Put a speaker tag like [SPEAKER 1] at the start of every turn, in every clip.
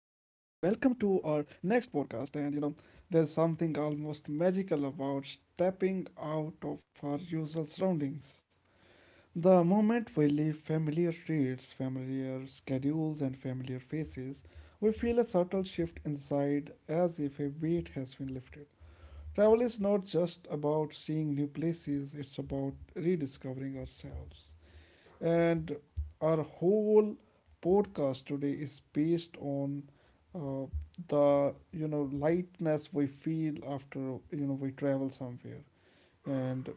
[SPEAKER 1] to our next podcast. And you know, there's something almost magical about stepping out of our usual surroundings. The moment we leave familiar streets, familiar schedules, and familiar faces, we feel a subtle shift inside as if a weight has been lifted. Travel is not just about seeing new places, it's about rediscovering ourselves, and our whole podcast today is based on uh, the lightness we feel after we travel somewhere. And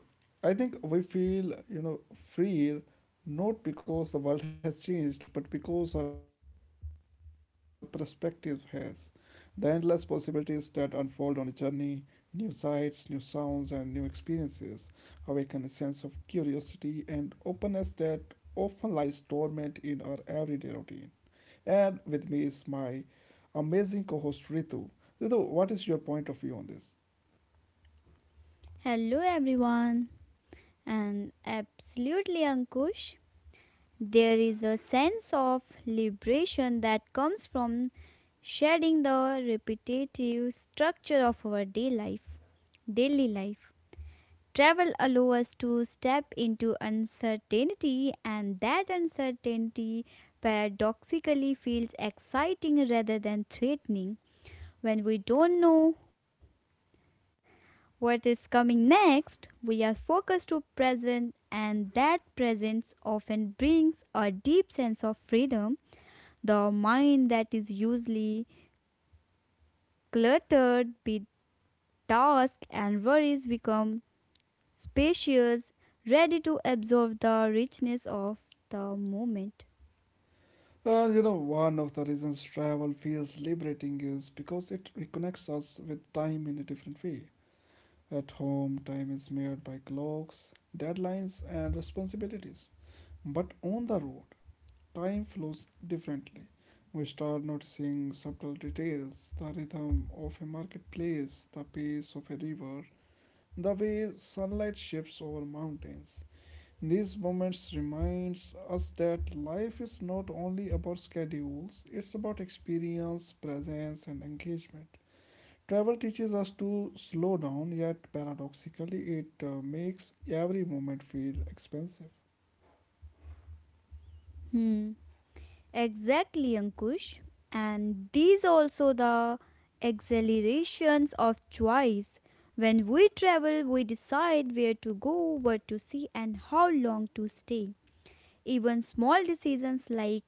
[SPEAKER 1] I think we feel, you know, freer, not because the world has changed, but because our perspective has. The endless possibilities that unfold on a journey, new sights, new sounds, and new experiences awaken a sense of curiosity and openness that often lies dormant in our everyday routine. And with me is my amazing co host Ritu. Ritu, what is your point of view on this?
[SPEAKER 2] Hello, everyone, and absolutely, Ankush. There is a sense of liberation that comes from shedding the repetitive structure of daily life. Travel allows us to step into uncertainty, and that uncertainty paradoxically feels exciting rather than threatening. When we don't know what is coming next? We are focused to present, and that presence often brings a deep sense of freedom. The mind that is usually cluttered with tasks and worries becomes spacious, ready to absorb the richness of the moment.
[SPEAKER 1] And you know, one of the reasons travel feels liberating is because it reconnects us with time in a different way. At home, time is mirrored by clocks, deadlines, and responsibilities. But on the road, time flows differently. We start noticing subtle details, the rhythm of a marketplace, the pace of a river, the way sunlight shifts over mountains. These moments reminds us that life is not only about schedules, it's about experience, presence and engagement. Travel teaches us to slow down, yet paradoxically it makes every moment feel expensive.
[SPEAKER 2] Hmm. Exactly, Ankush. And these also the exhilarations of choice. When we travel, we decide where to go, what to see, and how long to stay. Even small decisions like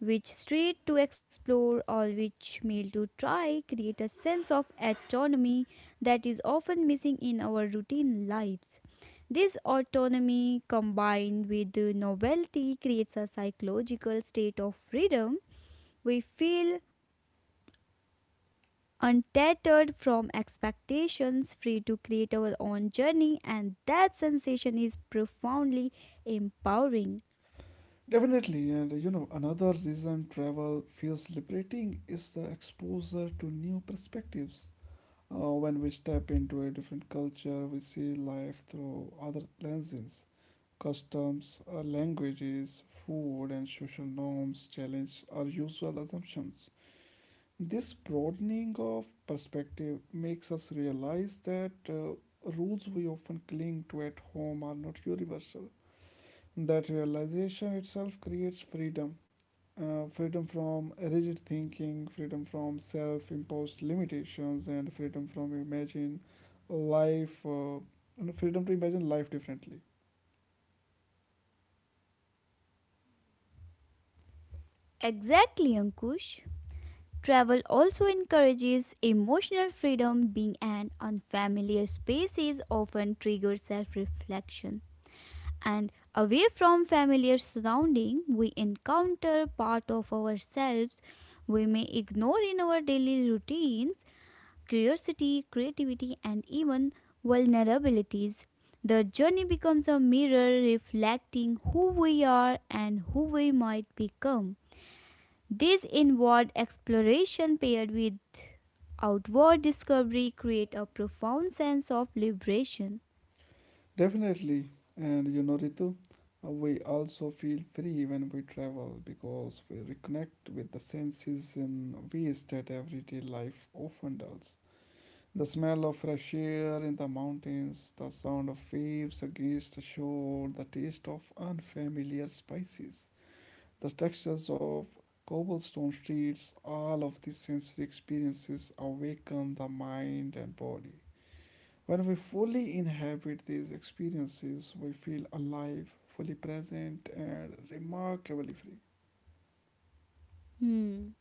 [SPEAKER 2] which street to explore or which meal to try create a sense of autonomy that is often missing in our routine lives. This autonomy combined with the novelty creates a psychological state of freedom. We feel untethered from expectations, free to create our own journey, and that sensation is profoundly empowering.
[SPEAKER 1] Definitely, and you know, another reason travel feels liberating is the exposure to new perspectives. When we step into a different culture, we see life through other lenses. Customs, languages, food, and social norms challenge our usual assumptions. This broadening of perspective makes us realize that rules we often cling to at home are not universal. That realization itself creates freedom, freedom from rigid thinking, freedom from self imposed limitations, and freedom from imagine life, and freedom to imagine life differently.
[SPEAKER 2] Exactly, Ankush. Travel also encourages emotional freedom, being an unfamiliar spaces often triggers self reflection. And away from familiar surrounding, we encounter part of ourselves we may ignore in our daily routines, curiosity, creativity, and even vulnerabilities. The journey becomes a mirror reflecting who we are and who we might become. This inward exploration paired with outward discovery create a profound sense of liberation.
[SPEAKER 1] Definitely. And you know, Ritu, we also feel free when we travel because we reconnect with the senses in ways that everyday life often does. The smell of fresh air in the mountains, the sound of waves against the shore, the taste of unfamiliar spices, the textures of cobblestone streets, all of these sensory experiences awaken the mind and body. When we fully inhabit these experiences, we feel alive, fully present, and remarkably free.
[SPEAKER 2] Hmm.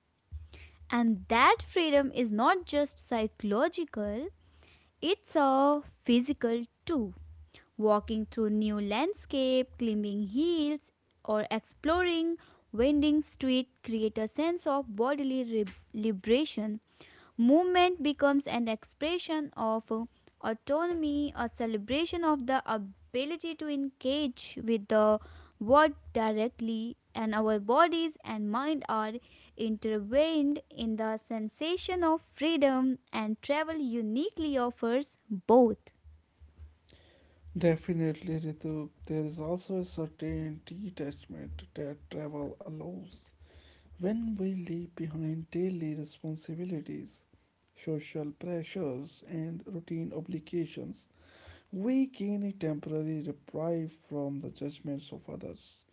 [SPEAKER 2] And that freedom is not just psychological, it's a physical too. Walking through new landscape, climbing hills, or exploring winding street create a sense of bodily liberation. Movement becomes an expression of autonomy, a celebration of the ability to engage with the world directly, and our bodies and mind are intertwined in the sensation of freedom, and travel uniquely offers both.
[SPEAKER 1] Definitely, Ritu, there is also a certain detachment that travel allows. When we leave behind daily responsibilities, social pressures, and routine obligations, we gain a temporary reprieve from the judgments of others.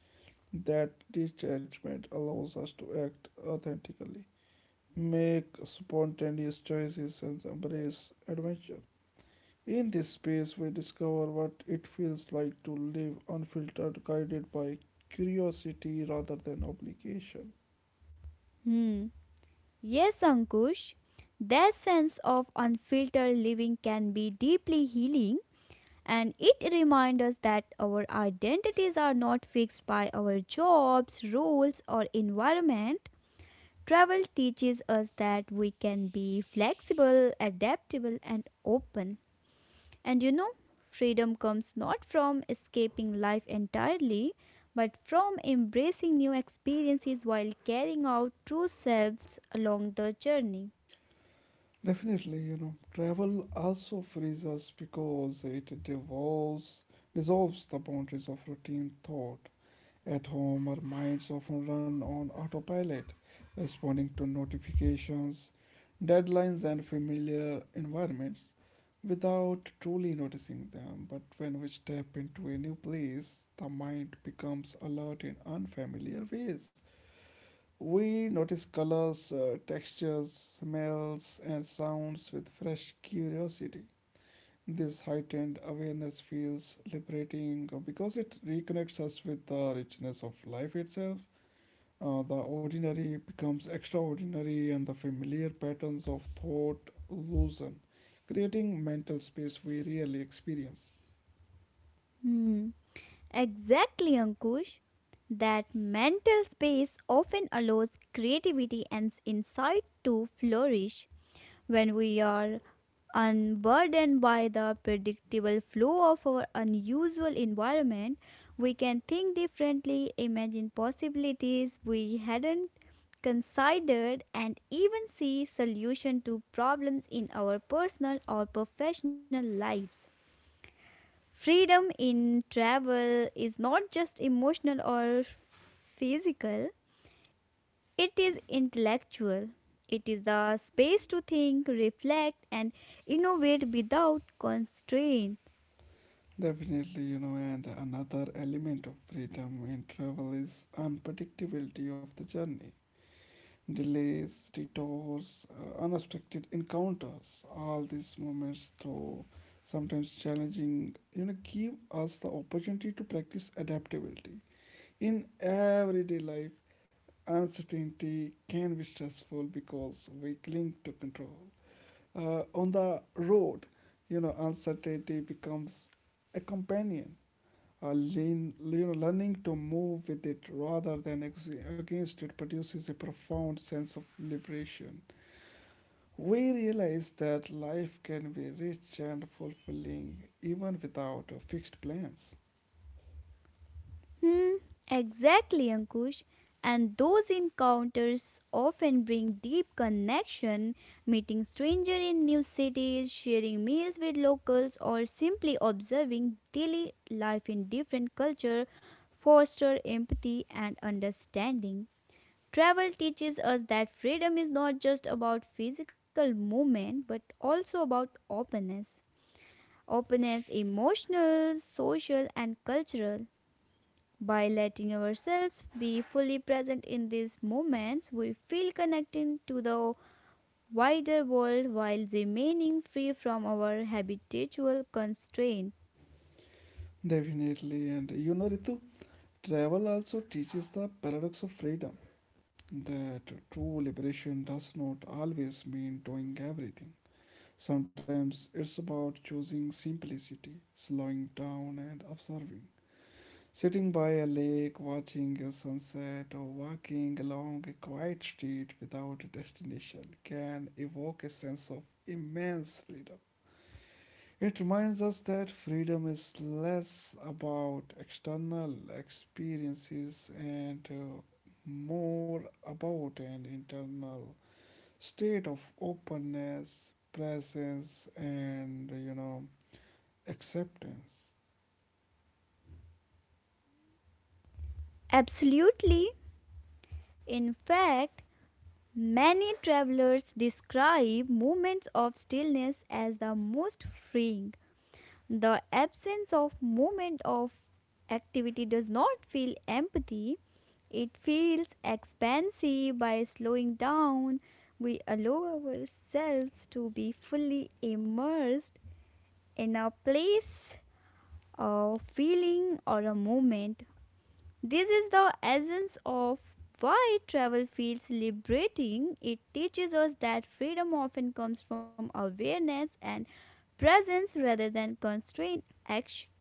[SPEAKER 1] That detachment allows us to act authentically, make spontaneous choices and embrace adventure. In this space, we discover what it feels like to live unfiltered, guided by curiosity rather than obligation.
[SPEAKER 2] Hmm. Yes, Ankush, that sense of unfiltered living can be deeply healing. And it reminds us that our identities are not fixed by our jobs, roles, or environment. Travel teaches us that we can be flexible, adaptable, and open. And you know, freedom comes not from escaping life entirely, but from embracing new experiences while carrying out true selves along the journey.
[SPEAKER 1] Definitely, you know, travel also frees us because it dissolves the boundaries of routine thought. At home, our minds often run on autopilot, responding to notifications, deadlines, and familiar environments without truly noticing them. But when we step into a new place, the mind becomes alert in unfamiliar ways. We notice colors, textures, smells, and sounds with fresh curiosity. This heightened awareness feels liberating because it reconnects us with the richness of life itself. The ordinary becomes extraordinary, and the familiar patterns of thought loosen, creating mental space we rarely experience.
[SPEAKER 2] Hmm. Exactly, Ankush. That mental space often allows creativity and insight to flourish when we are unburdened by the predictable flow of our unusual environment, we can think differently, imagine possibilities we hadn't considered, and even see solution to problems in our personal or professional lives. Freedom in travel is not just emotional or physical, it is intellectual. It is the space to think, reflect, and innovate without constraint.
[SPEAKER 1] Definitely, you know, and another element of freedom in travel is unpredictability of the journey. Delays, detours, unexpected encounters. All these moments, though sometimes challenging, you know, give us the opportunity to practice adaptability. In everyday life, uncertainty can be stressful because we cling to control. On the road, you know, uncertainty becomes a companion. Learning to move with it rather than against it produces a profound sense of liberation. We realize that life can be rich and fulfilling even without fixed plans.
[SPEAKER 2] Hmm, exactly, Ankush. And those encounters often bring deep connection, meeting strangers in new cities, sharing meals with locals, or simply observing daily life in different culture foster empathy and understanding. Travel teaches us that freedom is not just about physical movement but also about openness. Openness emotional, social and cultural. By letting ourselves be fully present in these moments, we feel connected to the wider world while remaining free from our habitual constraint.
[SPEAKER 1] Definitely, and you know, Ritu, travel also teaches the paradox of freedom, that true liberation does not always mean doing everything. Sometimes it's about choosing simplicity, slowing down, and observing. Sitting by a lake, watching a sunset, or walking along a quiet street without a destination can evoke a sense of immense freedom. It reminds us that freedom is less about external experiences and more about an internal state of openness, presence, and you know, acceptance.
[SPEAKER 2] Absolutely. In fact, many travelers describe moments of stillness as the most freeing. The absence of movement of activity does not feel empathy. It feels expansive by slowing down. We allow ourselves to be fully immersed in a place, a feeling, or a moment. This is the essence of why travel feels liberating. It teaches us that freedom often comes from awareness and presence rather than constrained action.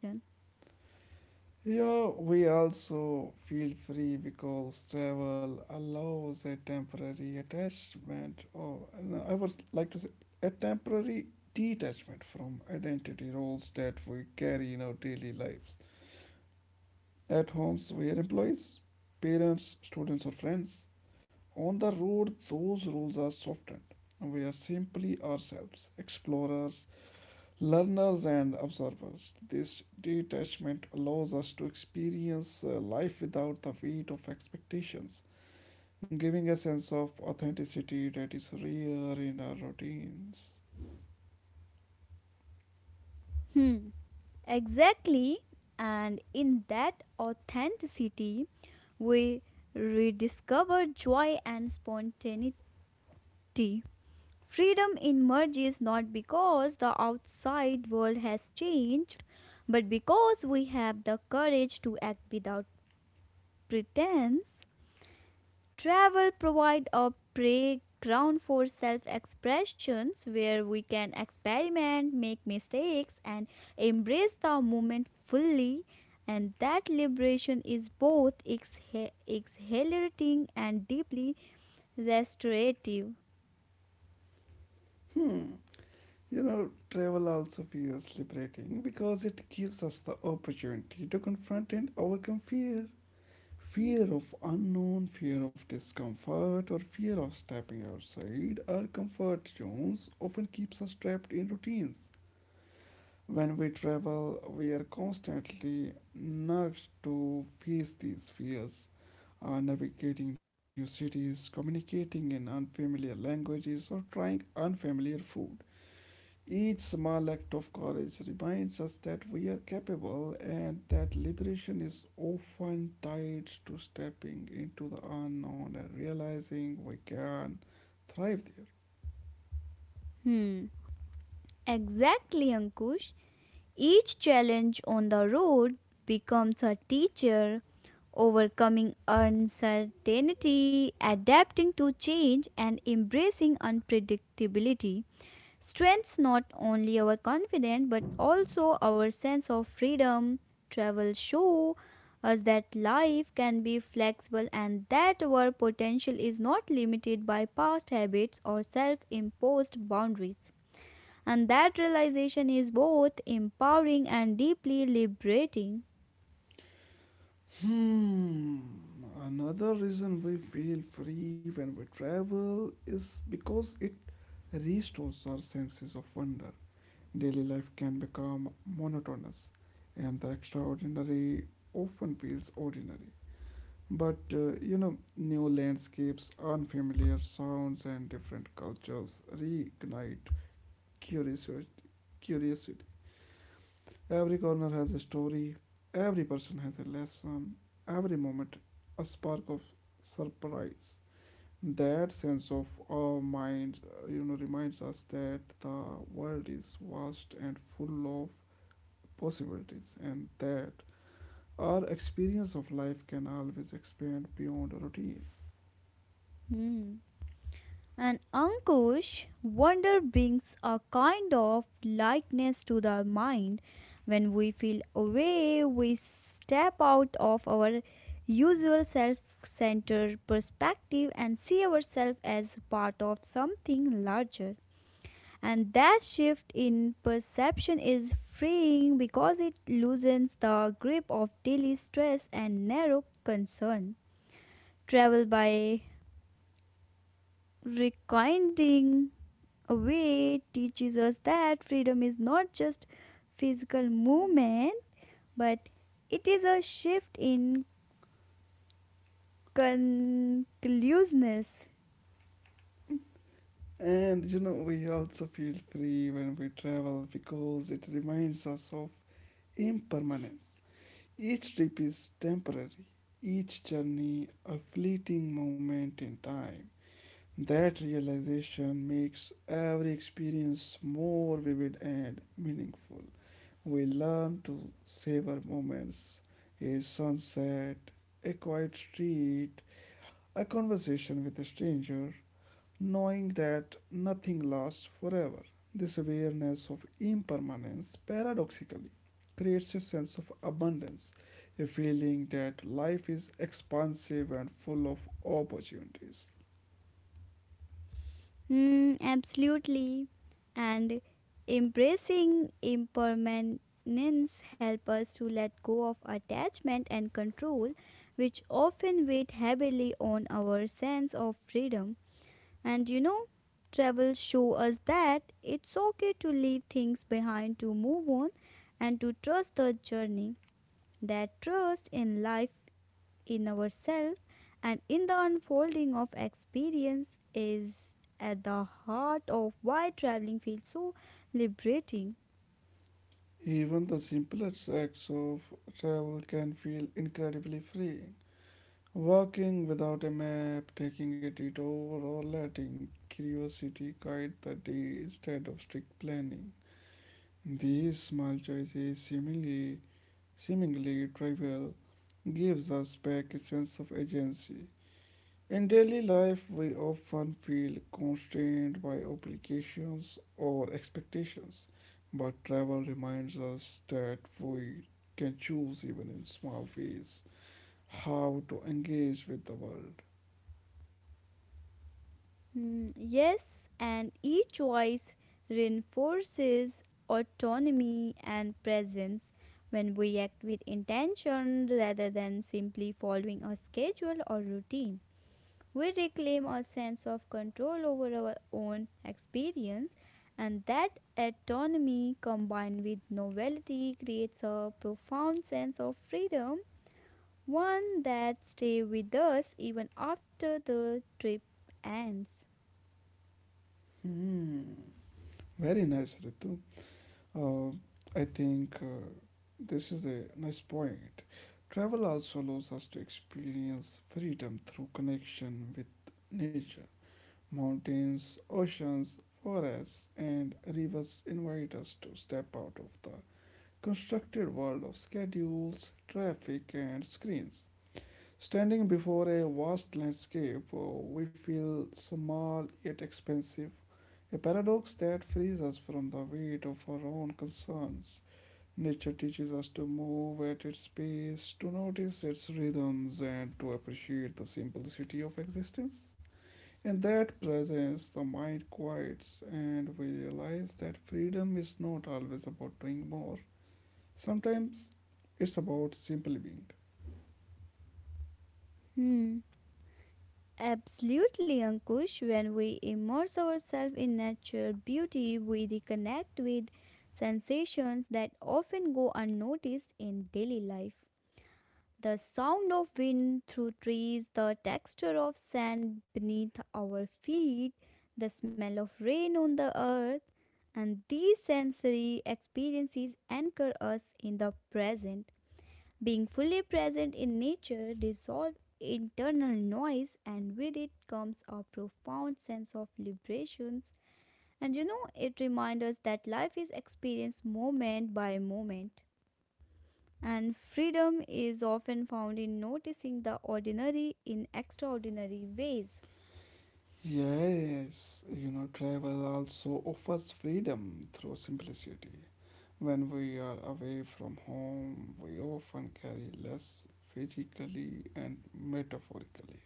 [SPEAKER 1] You know, we also feel free because travel allows a temporary attachment, or no, I would like to say, a temporary detachment from identity roles that we carry in our daily lives. At homes, we are employees, parents, students, or friends. On the road, those rules are softened. We are simply ourselves, explorers, learners and observers. This detachment allows us to experience life without the weight of expectations, giving a sense of authenticity that is rare in our routines.
[SPEAKER 2] Hmm, exactly. And in that authenticity, we rediscover joy and spontaneity. Freedom emerges not because the outside world has changed, but because we have the courage to act without pretense. Travel provide a playground for self-expressions where we can experiment, make mistakes and embrace the moment fully, and that liberation is both exhilarating and deeply restorative.
[SPEAKER 1] Hmm, you know, travel also feels liberating because it gives us the opportunity to confront and overcome fear. Fear of unknown, fear of discomfort, or fear of stepping outside our comfort zones often keeps us trapped in routines. When we travel, we are constantly nudged to face these fears, navigating new cities, communicating in unfamiliar languages, or trying unfamiliar food. Each small act of courage reminds us that we are capable and that liberation is often tied to stepping into the unknown and realizing we can thrive there.
[SPEAKER 2] Hmm. Exactly, Ankush. Each challenge on the road becomes a teacher, overcoming uncertainty, adapting to change, and embracing unpredictability strengthens not only our confidence but also our sense of freedom. Travel show us that life can be flexible and that our potential is not limited by past habits or self imposed boundaries. And that realization is both empowering and deeply liberating.
[SPEAKER 1] Hmm. Another reason we feel free when we travel is because it restores our senses of wonder. Daily life can become monotonous, and the extraordinary often feels ordinary. But you know, new landscapes, unfamiliar sounds, and different cultures reignite curious- curiosity. Every corner has a story, every person has a lesson, every moment a spark of surprise. That sense of awe mind, you know, reminds us that the world is vast and full of possibilities, and that our experience of life can always expand beyond a routine.
[SPEAKER 2] Hmm. And Ankush, wonder brings a kind of lightness to the mind. When we feel away, we step out of our usual self centered perspective and see ourselves as part of something larger. And that shift in perception is freeing because it loosens the grip of daily stress and narrow concern. Travel by requiting away teaches us that freedom is not just physical movement, but it is a shift in conclusiveness.
[SPEAKER 1] And you know, we also feel free when we travel because it reminds us of impermanence. Each trip is temporary, each journey a fleeting moment in time. That realization makes every experience more vivid and meaningful. We learn to savor moments, a sunset, a quiet street, a conversation with a stranger, knowing that nothing lasts forever. This awareness of impermanence paradoxically creates a sense of abundance, a feeling that life is expansive and full of opportunities.
[SPEAKER 2] Hmm, absolutely. And embracing impermanence helps us to let go of attachment and control, which often weigh heavily on our sense of freedom. And you know, travel show us that it's okay to leave things behind, to move on and to trust the journey. That trust in life, in ourselves and in the unfolding of experience is at the heart of why traveling feels so liberating.
[SPEAKER 1] Even the simplest acts of travel can feel incredibly freeing. Walking without a map, taking a detour, or letting curiosity guide the day instead of strict planning. These small choices, seemingly trivial, gives us back a sense of agency. In daily life, we often feel constrained by obligations or expectations, but travel reminds us that we can choose, even in small ways, how to engage with the world.
[SPEAKER 2] Mm, yes, and each choice reinforces autonomy and presence. When we act with intention rather than simply following a schedule or routine, we reclaim our sense of control over our own experience, and that autonomy combined with novelty creates a profound sense of freedom, one that stays with us even after the trip ends.
[SPEAKER 1] Hmm, very nice, Ritu. Uh, I think this is a nice point. Travel also allows us to experience freedom through connection with nature. Mountains, oceans, forests, and rivers invite us to step out of the constructed world of schedules, traffic, and screens. Standing before a vast landscape, we feel small yet expansive, a paradox that frees us from the weight of our own concerns. Nature teaches us to move at its pace, to notice its rhythms, and to appreciate the simplicity of existence. In that presence, the mind quiets, and we realize that freedom is not always about doing more. Sometimes it's about simply being.
[SPEAKER 2] Hmm. Absolutely, Ankush. When we immerse ourselves in natural beauty, we reconnect with sensations that often go unnoticed in daily life. The sound of wind through trees, the texture of sand beneath our feet, the smell of rain on the earth, and these sensory experiences anchor us in the present. Being fully present in nature dissolves internal noise, and with it comes a profound sense of liberations. And you know, it reminds us that life is experienced moment by moment. And freedom is often found in noticing the ordinary in extraordinary ways.
[SPEAKER 1] Yes, you know, travel also offers freedom through simplicity. When we are away from home, we often carry less physically and metaphorically.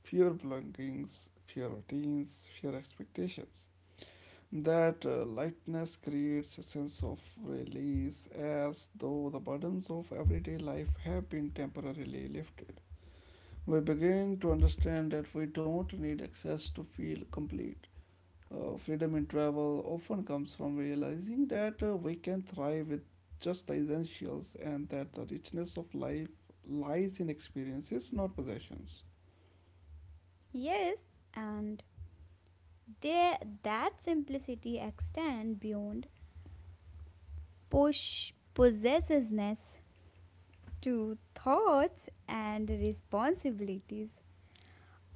[SPEAKER 1] Fewer belongings, fewer routines, fewer expectations. That lightness creates a sense of release as though the burdens of everyday life have been temporarily lifted. We begin to understand that we don't need excess to feel complete. Freedom in travel often comes from realizing that we can thrive with just the essentials and that the richness of life lies in experiences, not possessions.
[SPEAKER 2] Yes, and there that simplicity extends beyond push possessiveness to thoughts and responsibilities.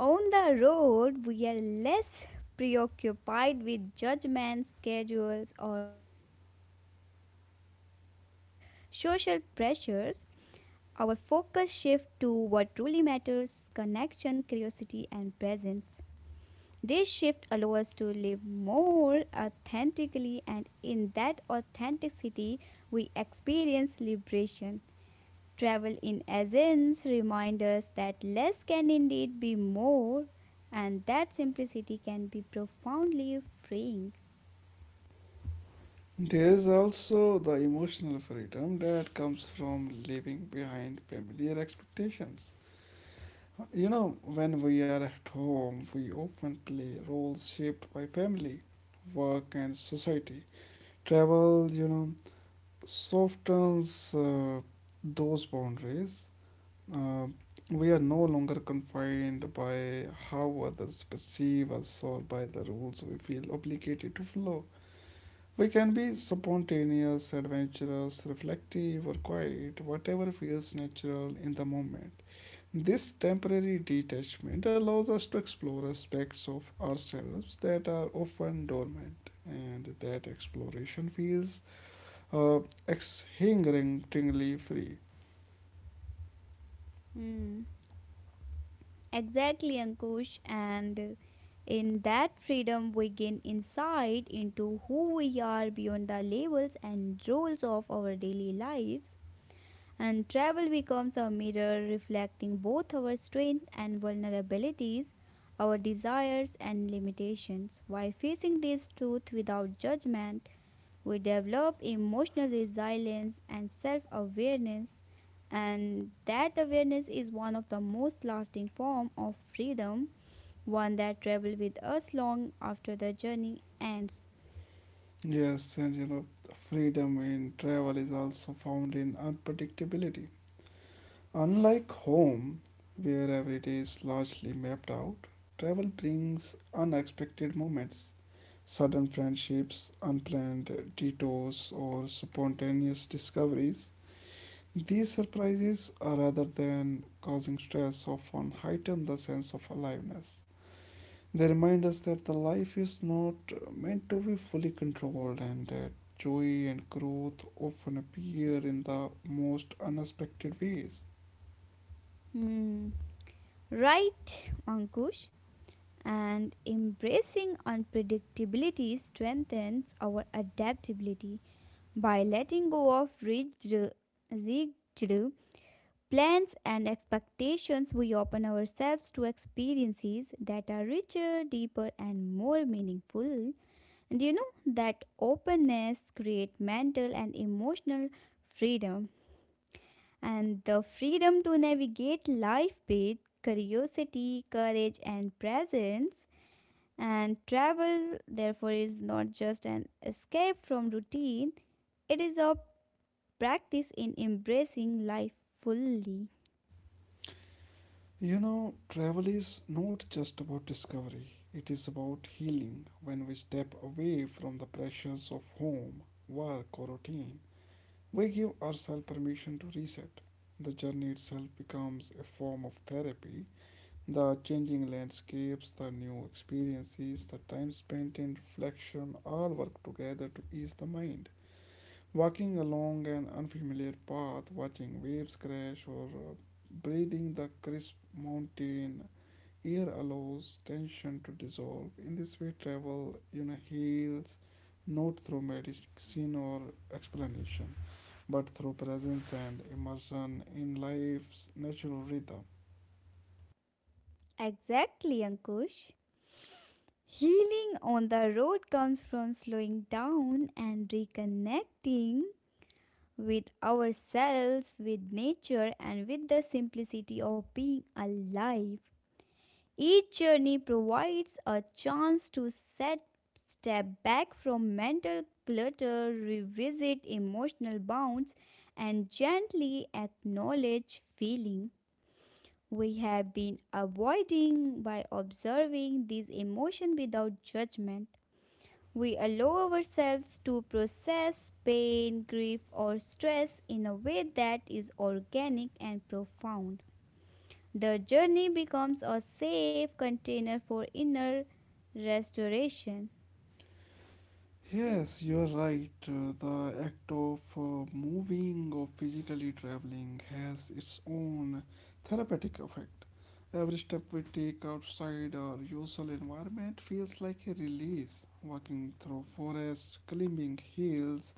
[SPEAKER 2] On the road, we are less preoccupied with judgments, schedules, or social pressures. Our focus shifts to what truly matters connection, curiosity, and presence. This shift allows us to live more authentically, and in that authenticity, we experience liberation. Travel in essence reminds us that less can indeed be more, and that simplicity can be profoundly freeing.
[SPEAKER 1] There's also the emotional freedom that comes from leaving behind familiar expectations. You know, when we are at home, we often play roles shaped by family, work, and society. Travel, you know, softens those boundaries. Uh, we are no longer confined by how others perceive us or by the rules we feel obligated to follow. We can be spontaneous, adventurous, reflective, or quiet, whatever feels natural in the moment. This temporary detachment allows us to explore aspects of ourselves that are often dormant, and that exploration feels uh, exhilaratingly free.
[SPEAKER 2] Hmm. Exactly, Ankush. And in that freedom, we gain insight into who we are beyond the labels and roles of our daily lives. And travel becomes a mirror reflecting both our strength and vulnerabilities, our desires and limitations. By facing this truth without judgment, we develop emotional resilience and self awareness, and that awareness is one of the most lasting form of freedom, one that travel with us long after the journey ends.
[SPEAKER 1] Yes, and you know, freedom in travel is also found in unpredictability. Unlike home, where every day is largely mapped out, travel brings unexpected moments, sudden friendships, unplanned detours, or spontaneous discoveries. These surprises, rather than causing stress, often heighten the sense of aliveness. They remind us that the life is not meant to be fully controlled and that joy and growth often appear in the most unexpected ways.
[SPEAKER 2] Hmm, right, Ankush. And embracing unpredictability strengthens our adaptability by letting go of rigid plans and expectations, we open ourselves to experiences that are richer, deeper, and more meaningful. And you know that openness creates mental and emotional freedom, and the freedom to navigate life with curiosity, courage, and presence. And travel, therefore, is not just an escape from routine, it is a practice in embracing life fully.
[SPEAKER 1] You know, travel is not just about discovery, it is about healing. When we step away from the pressures of home, work, or routine, we give ourselves permission to reset. The journey itself becomes a form of therapy. The changing landscapes, the new experiences, the time spent in reflection all work together to ease the mind. Walking along an unfamiliar path, watching waves crash, or breathing the crisp mountain air allows tension to dissolve. In this way, travel, heals not through medicine or explanation, but through presence and immersion in life's natural rhythm.
[SPEAKER 2] Exactly, Ankush. Healing on the road comes from slowing down and reconnecting with ourselves, with nature, and with the simplicity of being alive. Each journey provides a chance to set step back from mental clutter, revisit emotional bounds, and gently acknowledge feeling we have been avoiding by observing these emotions without judgment. We allow ourselves to process pain, grief, or stress in a way that is organic and profound. The journey becomes a safe container for inner restoration.
[SPEAKER 1] Yes, you're right. The act of moving or physically traveling has its own therapeutic effect. Every step we take outside our usual environment feels like a release. Walking through forests, climbing hills,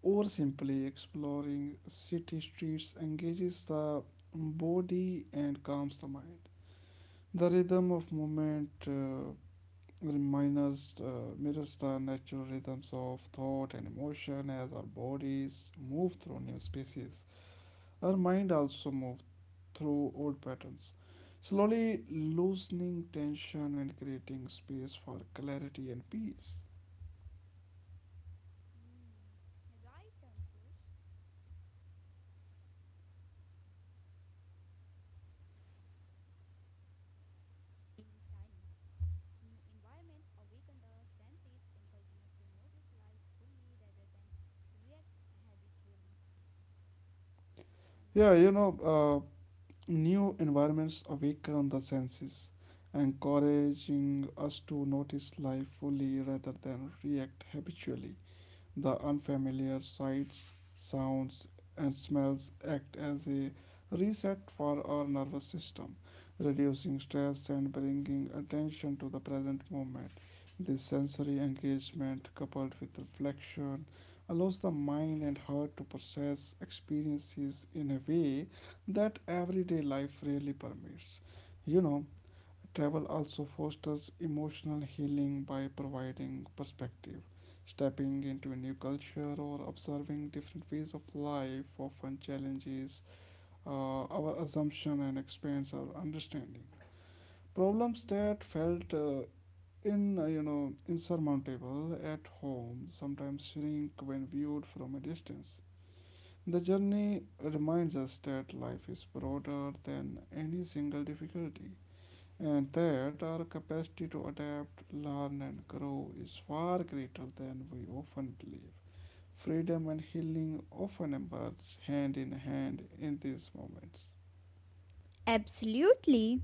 [SPEAKER 1] or simply exploring city streets engages the body and calms the mind. The rhythm of movement mirrors the natural rhythms of thought and emotion as our bodies move through new spaces. Our mind also moves through old patterns, slowly loosening tension and creating space for clarity and peace.
[SPEAKER 2] Hmm, right, Ankush. Movement combined with novelty creates dynamic. New environments awaken the senses, encouraging us to notice life fully rather than react habitually.
[SPEAKER 1] Yeah, you know, new environments awaken the senses, encouraging us to notice life fully rather than react habitually. The unfamiliar sights, sounds, and smells act as a reset for our nervous system, reducing stress and bringing attention to the present moment. This sensory engagement, coupled with reflection, allows the mind and heart to process experiences in a way that everyday life rarely permits. You know, travel also fosters emotional healing by providing perspective. Stepping into a new culture or observing different ways of life often challenges our assumption and expands our understanding. Problems that felt in you know insurmountable at home sometimes shrink when viewed from a distance. The journey reminds us that life is broader than any single difficulty and that our capacity to adapt, learn, and grow is far greater than we often believe. Freedom and healing often emerge hand in hand in these moments.
[SPEAKER 2] Absolutely.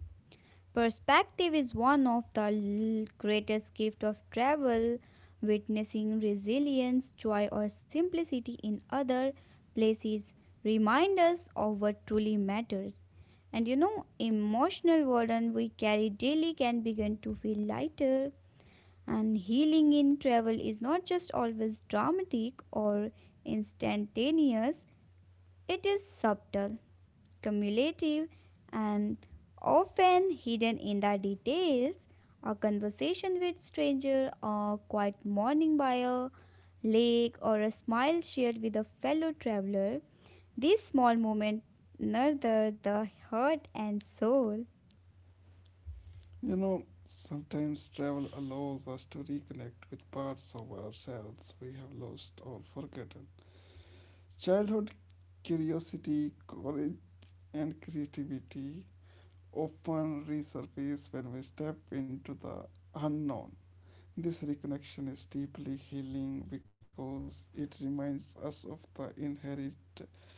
[SPEAKER 2] Perspective is one of the greatest gift of travel. Witnessing resilience, joy or simplicity in other places remind us of what truly matters. And you know, emotional burden we carry daily can begin to feel lighter. And healing in travel is not just always dramatic or instantaneous, it is subtle, cumulative, and often hidden in the details. A conversation with stranger, a quiet morning by a lake, or a smile shared with a fellow traveler. These small moments nurture the heart and soul.
[SPEAKER 1] You know, sometimes travel allows us to reconnect with parts of ourselves we have lost or forgotten. Childhood curiosity, courage, and creativity often resurface when we step into the unknown. This reconnection is deeply healing because it reminds us of the inherent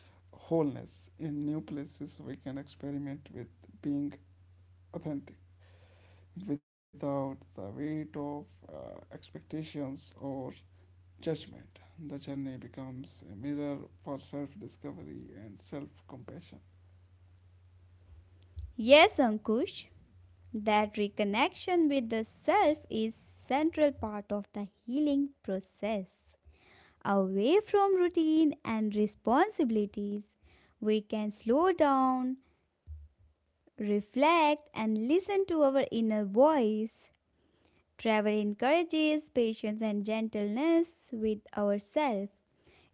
[SPEAKER 1] wholeness. In new places, we can experiment with being authentic without the weight of expectations or judgment. The journey becomes a mirror for self discovery and self compassion.
[SPEAKER 2] Yes, Ankush, that reconnection with the self is central part of the healing process. Away from routine and responsibilities, we can slow down, reflect, and listen to our inner voice. Travel encourages patience and gentleness with ourselves.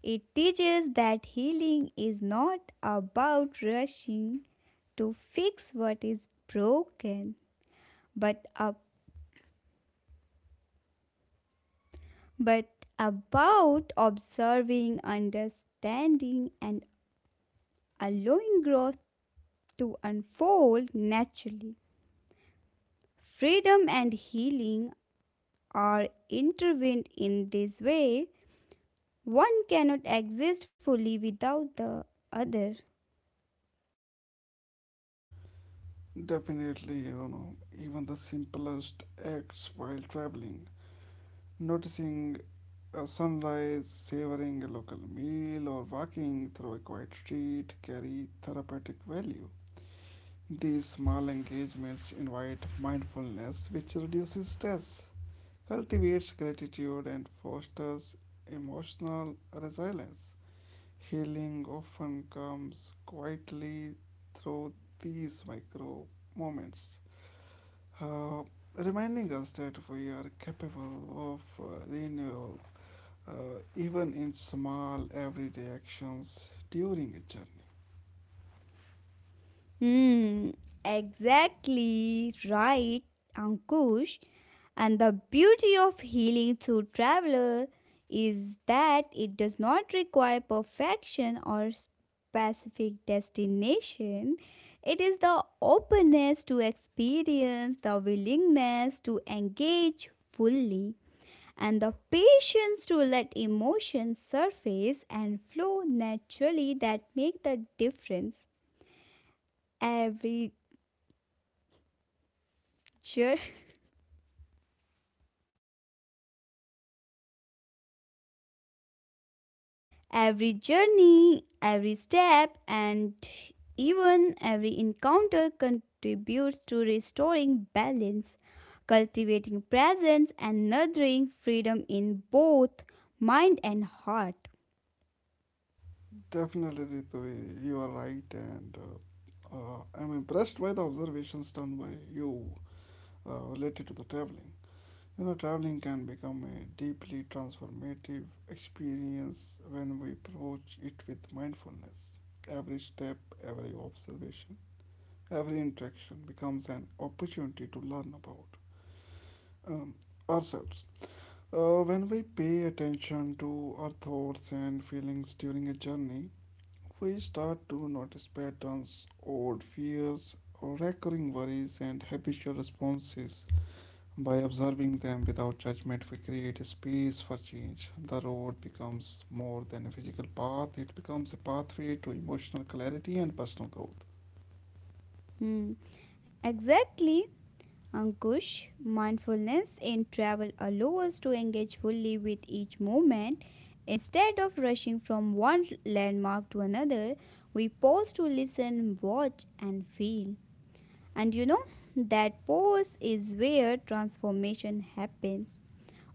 [SPEAKER 2] It teaches that healing is not about rushing to fix what is broken, but, up, but about observing, understanding, and allowing growth to unfold naturally. Freedom and healing are intertwined in this way. One cannot exist fully without the other.
[SPEAKER 1] Definitely, you know, even the simplest acts while traveling, noticing a sunrise, savoring a local meal, or walking through a quiet street carry therapeutic value. These small engagements invite mindfulness, which reduces stress, cultivates gratitude, and fosters emotional resilience. Healing often comes quietly through these micro moments, uh, reminding us that we are capable of renewal even in small everyday actions during a journey.
[SPEAKER 2] Hmm, exactly right, Ankush. And the beauty of healing through travel is that it does not require perfection or specific destination. It is the openness to experience, the willingness to engage fully, and the patience to let emotions surface and flow naturally that make the difference every. Sure. Every journey, every step, and even every encounter contributes to restoring balance, cultivating presence, and nurturing freedom in both mind and heart.
[SPEAKER 1] Definitely, Ritu, you are right, and I'm impressed by the observations done by you related to the traveling. You know, traveling can become a deeply transformative experience when we approach it with mindfulness. Every step, every observation, every interaction becomes an opportunity to learn about um, ourselves. When we pay attention to our thoughts and feelings during a journey, we start to notice patterns, old fears, recurring worries, and habitual responses. By observing them without judgment, we create a space for change. The road becomes more than a physical path, it becomes a pathway to emotional clarity and personal growth.
[SPEAKER 2] Hmm. Exactly. Ankush, mindfulness in travel allows us to engage fully with each moment. Instead of rushing from one landmark to another, we pause to listen, watch, and feel. And that pause is where transformation happens.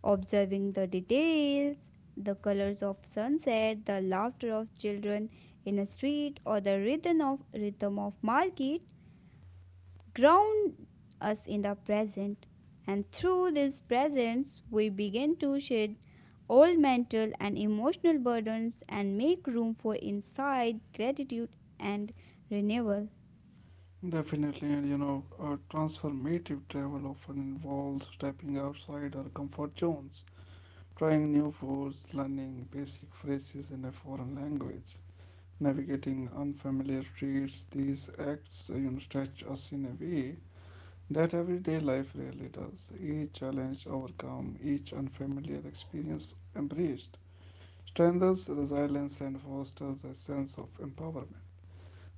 [SPEAKER 2] Observing the details, the colors of sunset, the laughter of children in a street, or the rhythm of market ground us in the present. And through this presence, we begin to shed old mental and emotional burdens and make room for insight, gratitude, and renewal.
[SPEAKER 1] Definitely, and you know, transformative travel often involves stepping outside our comfort zones trying new foods, learning basic phrases in a foreign language, navigating unfamiliar streets. These acts, you know, stretch us in a way that everyday life really does. Each challenge overcome, each unfamiliar experience embraced, strengthens resilience and fosters a sense of empowerment.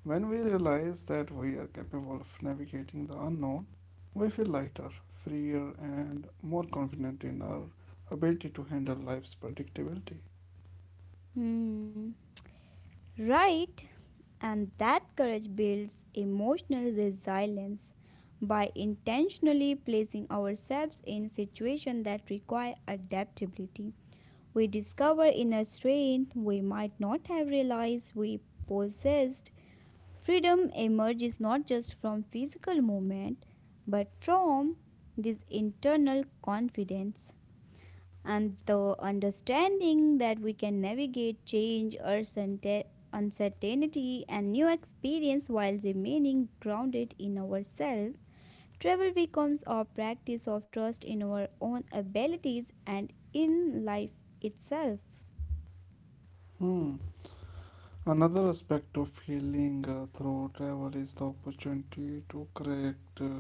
[SPEAKER 1] When we realize that we are capable of navigating the unknown, we feel lighter, freer, and more confident in our ability to handle life's predictability.
[SPEAKER 2] Hmm. Right? And that courage builds emotional resilience by intentionally placing ourselves in situations that require adaptability. We discover inner strength we might not have realized we possessed. Freedom emerges not just from physical movement, but from this internal confidence and the understanding that we can navigate change, uncertainty, and new experience while remaining grounded in ourselves. Travel becomes our practice of trust in our own abilities and in life itself.
[SPEAKER 1] Hmm. Another aspect of healing through travel is the opportunity to correct, uh,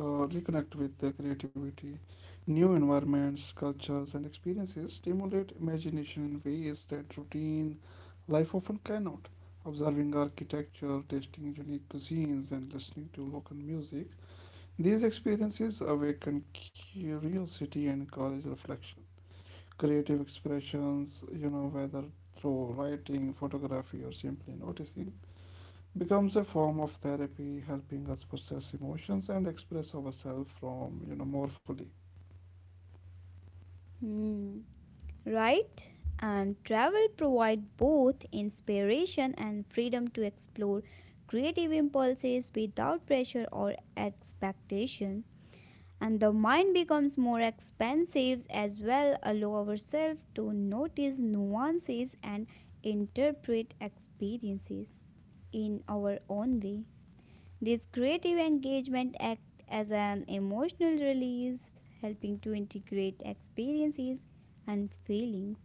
[SPEAKER 1] uh, reconnect with the creativity. New environments, cultures, and experiences stimulate imagination in ways that routine life often cannot. Observing architecture, tasting unique cuisines, and listening to local music, these experiences awaken curiosity and encourage reflection creative expressions, you know, whether through writing, photography, or simply noticing, becomes a form of therapy, helping us process emotions and express ourselves from, you know, more fully.
[SPEAKER 2] Hmm, right? And travel provide both inspiration and freedom to explore creative impulses without pressure or expectation. And the mind becomes more expansive as well, allow ourselves to notice nuances and interpret experiences in our own way. This creative engagement acts as an emotional release, helping to integrate experiences and feelings.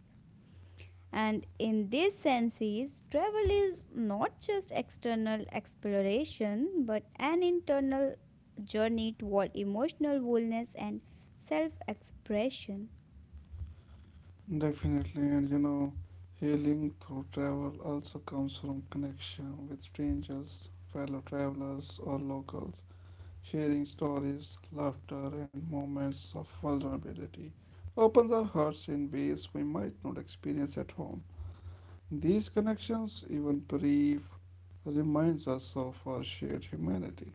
[SPEAKER 2] And in these senses, travel is not just external exploration but an internal journey toward emotional wholeness and self expression.
[SPEAKER 1] Definitely, and you know, healing through travel also comes from connection with strangers, fellow travelers, or locals, sharing stories, laughter, and moments of vulnerability. Opens our hearts in ways we might not experience at home. These connections, even brief, reminds us of our shared humanity,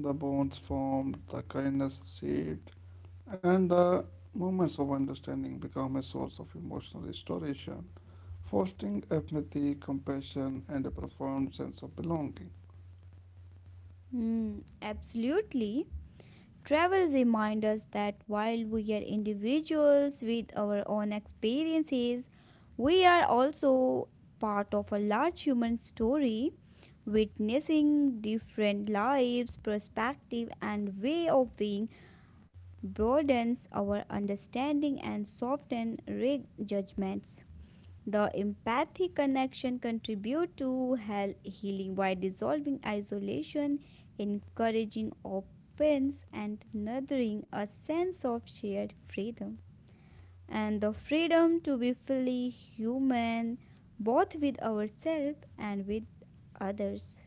[SPEAKER 1] the bonds formed, the kindness received, and the moments of understanding become a source of emotional restoration, fostering empathy, compassion, and a profound sense of belonging.
[SPEAKER 2] Absolutely. Travel reminds us that while we are individuals with our own experiences, we are also part of a large human story, witnessing different lives, perspective, and way of being broadens our understanding and softens judgments. The empathy connection contribute to health healing by dissolving isolation, encouraging openness and nurturing a sense of shared freedom. And the freedom to be fully human both with ourselves and with others.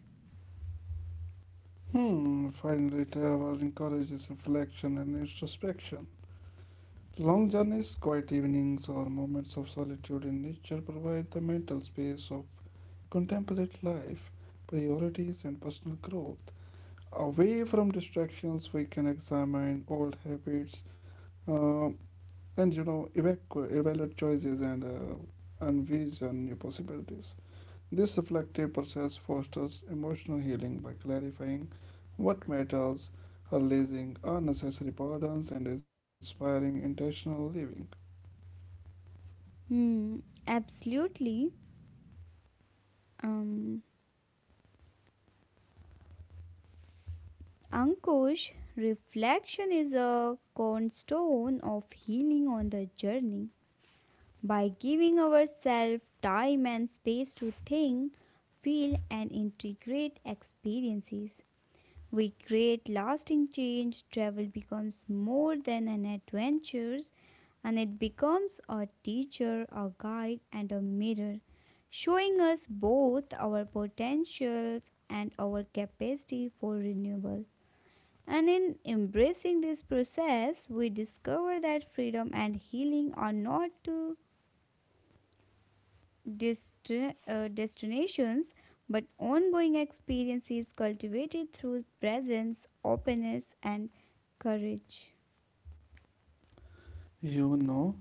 [SPEAKER 1] Hmm, finally, travel encourages reflection and introspection. Long journeys, quiet evenings, or moments of solitude in nature provide the mental space of contemplate life, priorities, and personal growth. Away from distractions, we can examine old habits uh, and you know evaluate choices and envision new possibilities. This reflective process fosters emotional healing by clarifying what matters, releasing unnecessary burdens, and inspiring intentional living.
[SPEAKER 2] Hmm, absolutely. Um, Ankush, reflection is a cornerstone of healing on the journey. By giving ourselves time and space to think, feel, and integrate experiences, we create lasting change. Travel becomes more than an adventure, and it becomes a teacher, a guide, and a mirror, showing us both our potentials and our capacity for renewal. And in embracing this process, we discover that freedom and healing are not two dest- destinations, but ongoing experiences cultivated through presence, openness, and courage.
[SPEAKER 1] You know,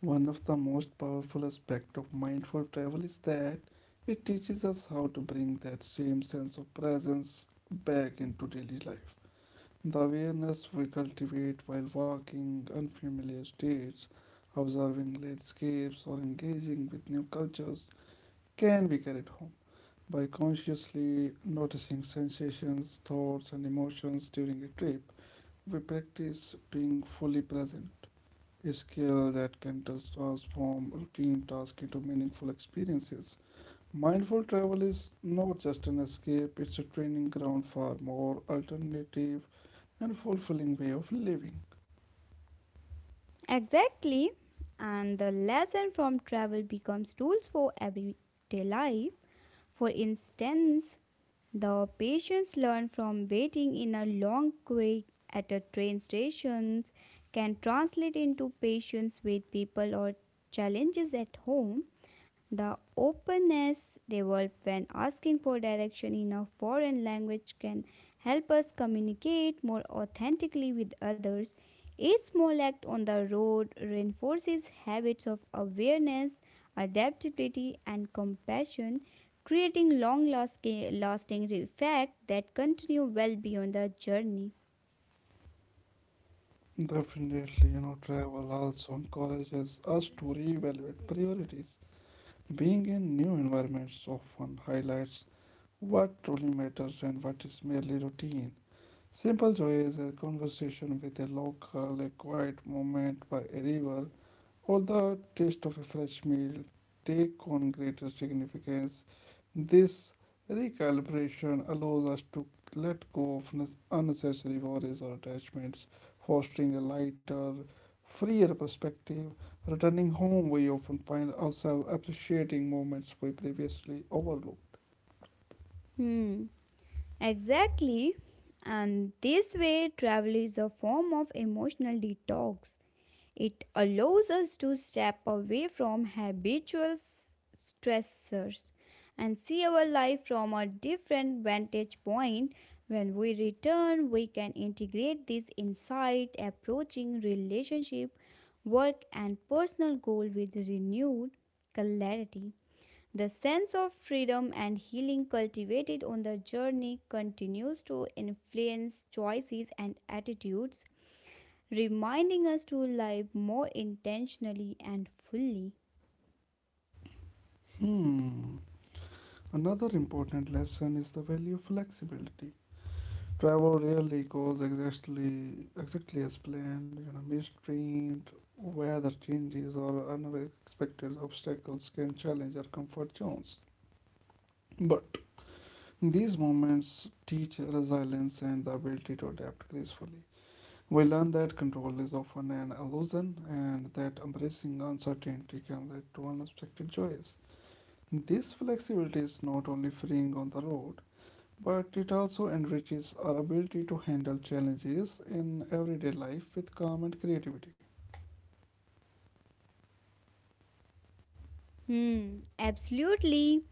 [SPEAKER 1] one of the most powerful aspects of mindful travel is that it teaches us how to bring that same sense of presence back into daily life. The awareness we cultivate while walking unfamiliar states, observing landscapes, or engaging with new cultures can be carried home. By consciously noticing sensations, thoughts, and emotions during a trip, we practice being fully present a skill that can transform routine tasks into meaningful experiences. Mindful travel is not just an escape, it's a training ground for more alternative and fulfilling way of living.
[SPEAKER 2] Exactly. And the lesson from travel becomes tools for everyday life. For instance, the patients learned from waiting in a long queue at a train station can translate into patience with people or challenges at home. The openness developed when asking for direction in a foreign language can help us communicate more authentically with others. Each small act on the road reinforces habits of awareness, adaptability, and compassion, creating long lasting effects that continue well beyond the journey.
[SPEAKER 1] Definitely, you know, travel also encourages us to reevaluate priorities. Being in new environments often highlights what truly matters and what is merely routine. Simple joy is a conversation with a local, a quiet moment by a river, or the taste of a fresh meal take on greater significance. This recalibration allows us to let go of unnecessary worries or attachments, fostering a lighter, freer perspective. Returning home, we often find ourselves appreciating moments we previously overlooked.
[SPEAKER 2] Hmm, exactly. And this way, travel is a form of emotional detox. It allows us to step away from habitual stressors and see our life from a different vantage point. When we return, we can integrate this insight, approaching relationship, work, and personal goal with renewed clarity. The sense of freedom and healing cultivated on the journey continues to influence choices and attitudes reminding us to live more intentionally and fully.
[SPEAKER 1] Hmm. Another important lesson is the value of flexibility. Travel really goes exactly as planned. You know, mistreat, weather changes, or unexpected obstacles can challenge our comfort zones. But these moments teach resilience and the ability to adapt gracefully. We learn that control is often an illusion, and that embracing uncertainty can lead to unexpected joys. This flexibility is not only freeing on the road, but it also enriches our ability to handle challenges in everyday life with calm and creativity.
[SPEAKER 2] Hmm, absolutely.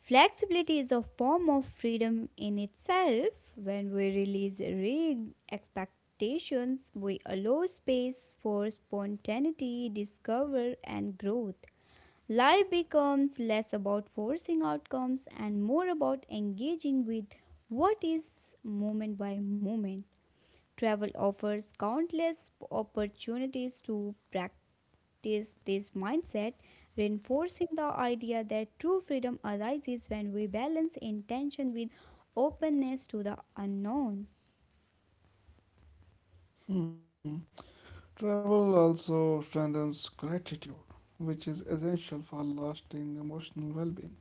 [SPEAKER 2] Flexibility is a form of freedom in itself. When we release rigged expectations, we allow space for spontaneity, discovery, and growth. Life becomes less about forcing outcomes and more about engaging with what is moment by moment. Travel offers countless opportunities to practice this mindset, reinforcing the idea that true freedom arises when we balance intention with openness to the unknown.
[SPEAKER 1] Hmm. Travel also strengthens gratitude, which is essential for lasting emotional well being.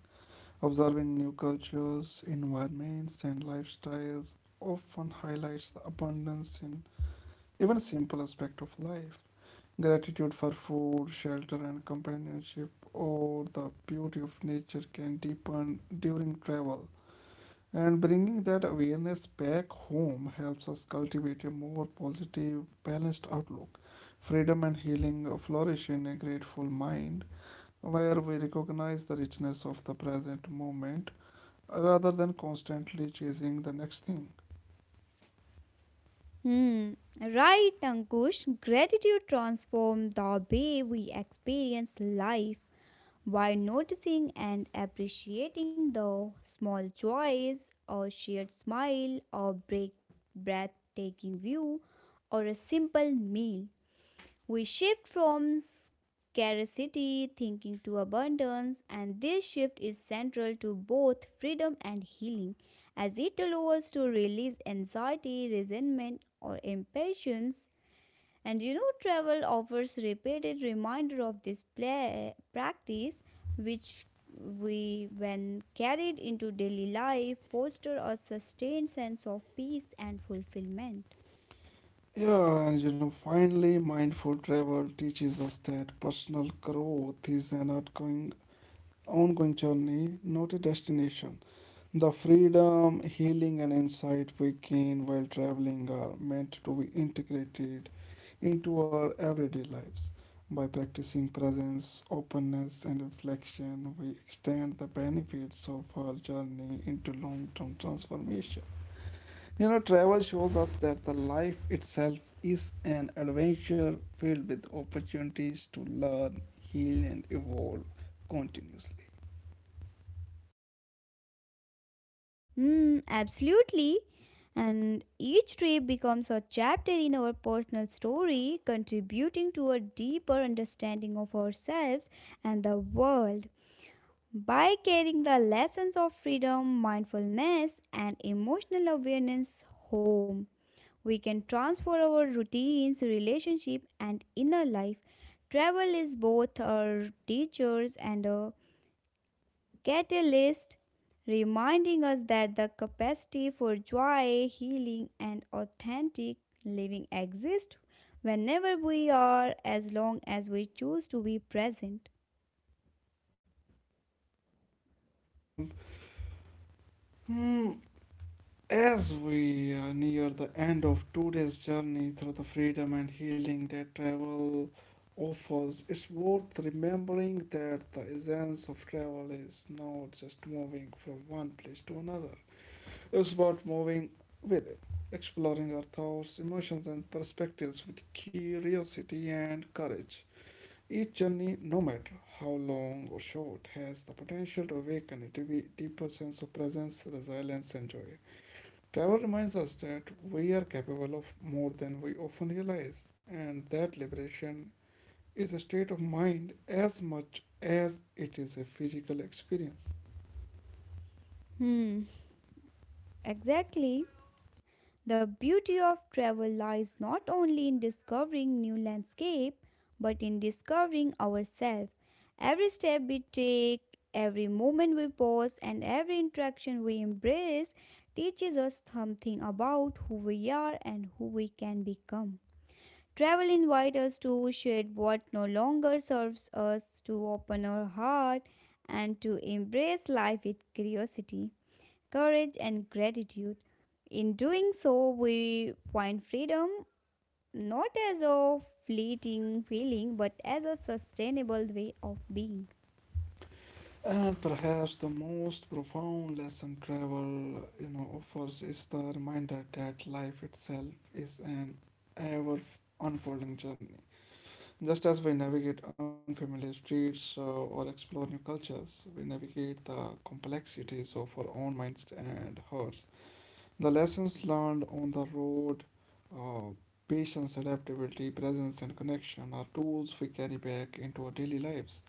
[SPEAKER 1] Observing new cultures, environments, and lifestyles often highlights the abundance in even simple aspect of life. Gratitude for food, shelter, and companionship, or the beauty of nature can deepen during travel. And bringing that awareness back home helps us cultivate a more positive, balanced outlook. Freedom and healing flourish in a grateful mind where we recognize the richness of the present moment rather than constantly chasing the next thing.
[SPEAKER 2] Hmm. Right, Ankush. Gratitude transforms the way we experience life. By noticing and appreciating the small joys, or shared smile, or breathtaking view, or a simple meal, we shift from scarcity thinking to abundance, and this shift is central to both freedom and healing, as it allows us to release anxiety, resentment, or impatience. And travel offers repeated reminder of this practice, which when carried into daily life, foster a sustained sense of peace and fulfillment.
[SPEAKER 1] Yeah, and you know, finally, mindful travel teaches us that personal growth is an ongoing journey, not a destination. The freedom, healing, and insight we gain while traveling are meant to be integrated into our everyday lives. By practicing presence, openness, and reflection, we extend the benefits of our journey into long term transformation. You know, travel shows us that the life itself is an adventure filled with opportunities to learn, heal, and evolve continuously.
[SPEAKER 2] Hmm, absolutely. And each trip becomes a chapter in our personal story, contributing to a deeper understanding of ourselves and the world. By carrying the lessons of freedom, mindfulness, and emotional awareness home, we can transform our routines, relationship, and inner life. Travel is both our teachers and a catalyst, reminding us that the capacity for joy, healing, and authentic living exists whenever we are, as long as we choose to be present.
[SPEAKER 1] Um, hmm, As we near the end of today's journey through the freedom and healing that travel offers, it's worth remembering that the essence of travel is not just moving from one place to another, it's about moving within, exploring our thoughts, emotions, and perspectives with curiosity and courage. Each journey, no matter how long or short, has the potential to awaken a deeper sense of presence, resilience, and joy. Travel reminds us that we are capable of more than we often realize, and that liberation is a state of mind as much as it is a physical experience.
[SPEAKER 2] Hmm, exactly. The beauty of travel lies not only in discovering new landscape but in discovering ourselves. Every step we take, every moment we pause and every interaction we embrace teaches us something about who we are and who we can become. Travel invites us to shed what no longer serves us, to open our heart, and to embrace life with curiosity courage, and gratitude. In doing so, we find freedom not as a fleeting feeling but as a sustainable way of being.
[SPEAKER 1] And perhaps the most profound lesson travel, you know, offers is the reminder that life itself is an ever unfolding journey. Just as we navigate unfamiliar streets or explore new cultures, we navigate the complexities of our own minds and hearts. The lessons learned on the road, uh, patience, adaptability, presence, and connection are tools we carry back into our daily lives.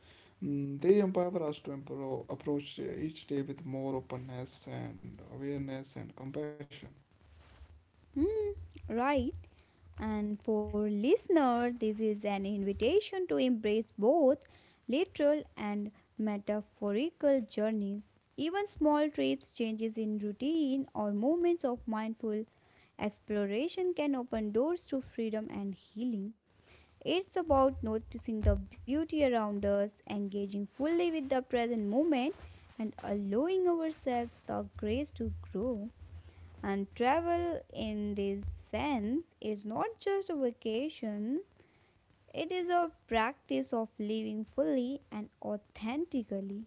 [SPEAKER 1] They empower us to approach each day with more openness and awareness and compassion.
[SPEAKER 2] Hmm, right. And for listener, this is an invitation to embrace both literal and metaphorical journeys. Even small trips, changes in routine, or moments of mindful exploration can open doors to freedom and healing. It's about noticing the beauty around us, engaging fully with the present moment, and allowing ourselves the grace to grow. And travel, in this sense, is not just a vacation, it is a practice of living fully and authentically.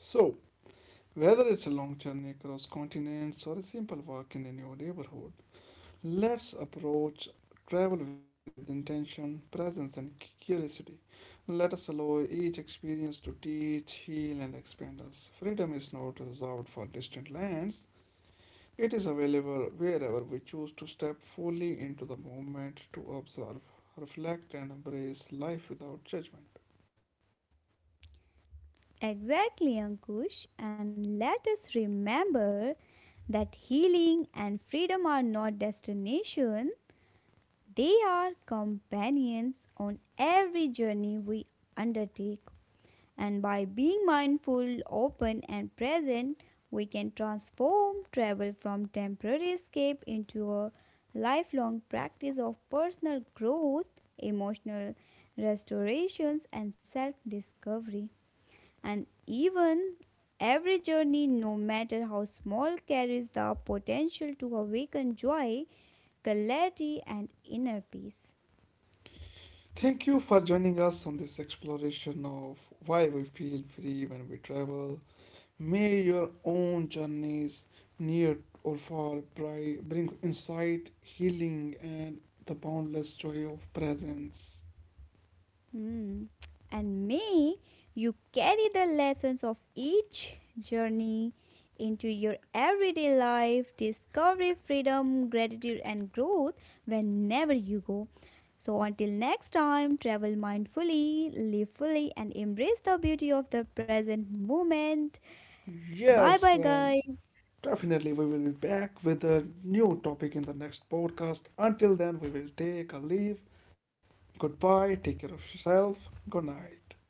[SPEAKER 1] So, whether it's a long journey across continents or a simple walk in a new neighborhood, let's approach travel with intention, presence, and curiosity. Let us allow each experience to teach, heal, and expand us. Freedom is not reserved for distant lands, it is available wherever we choose to step fully into the moment to observe, reflect, and embrace life without judgment.
[SPEAKER 2] Exactly, Ankush. And let us remember that healing and freedom are not destination, they are companions on every journey we undertake. And by being mindful, open, and present, we can transform travel from temporary escape into a lifelong practice of personal growth, emotional restorations, and self discovery. And even every journey, no matter how small, carries the potential to awaken joy, clarity, and inner peace.
[SPEAKER 1] Thank you for joining us on this exploration of why we feel free when we travel. May your own journeys, near or far, bring insight, healing, and the boundless joy of presence.
[SPEAKER 2] Hmm. And may you carry the lessons of each journey into your everyday life, discovery, freedom, gratitude, and growth whenever you go. So, until next time, travel mindfully, live fully, and embrace the beauty of the present moment. Bye bye,
[SPEAKER 1] Yes, and
[SPEAKER 2] guys.
[SPEAKER 1] definitely we will be back with a new topic in the next podcast. Until then, we will take a leave. Goodbye, take care of yourself. Good night.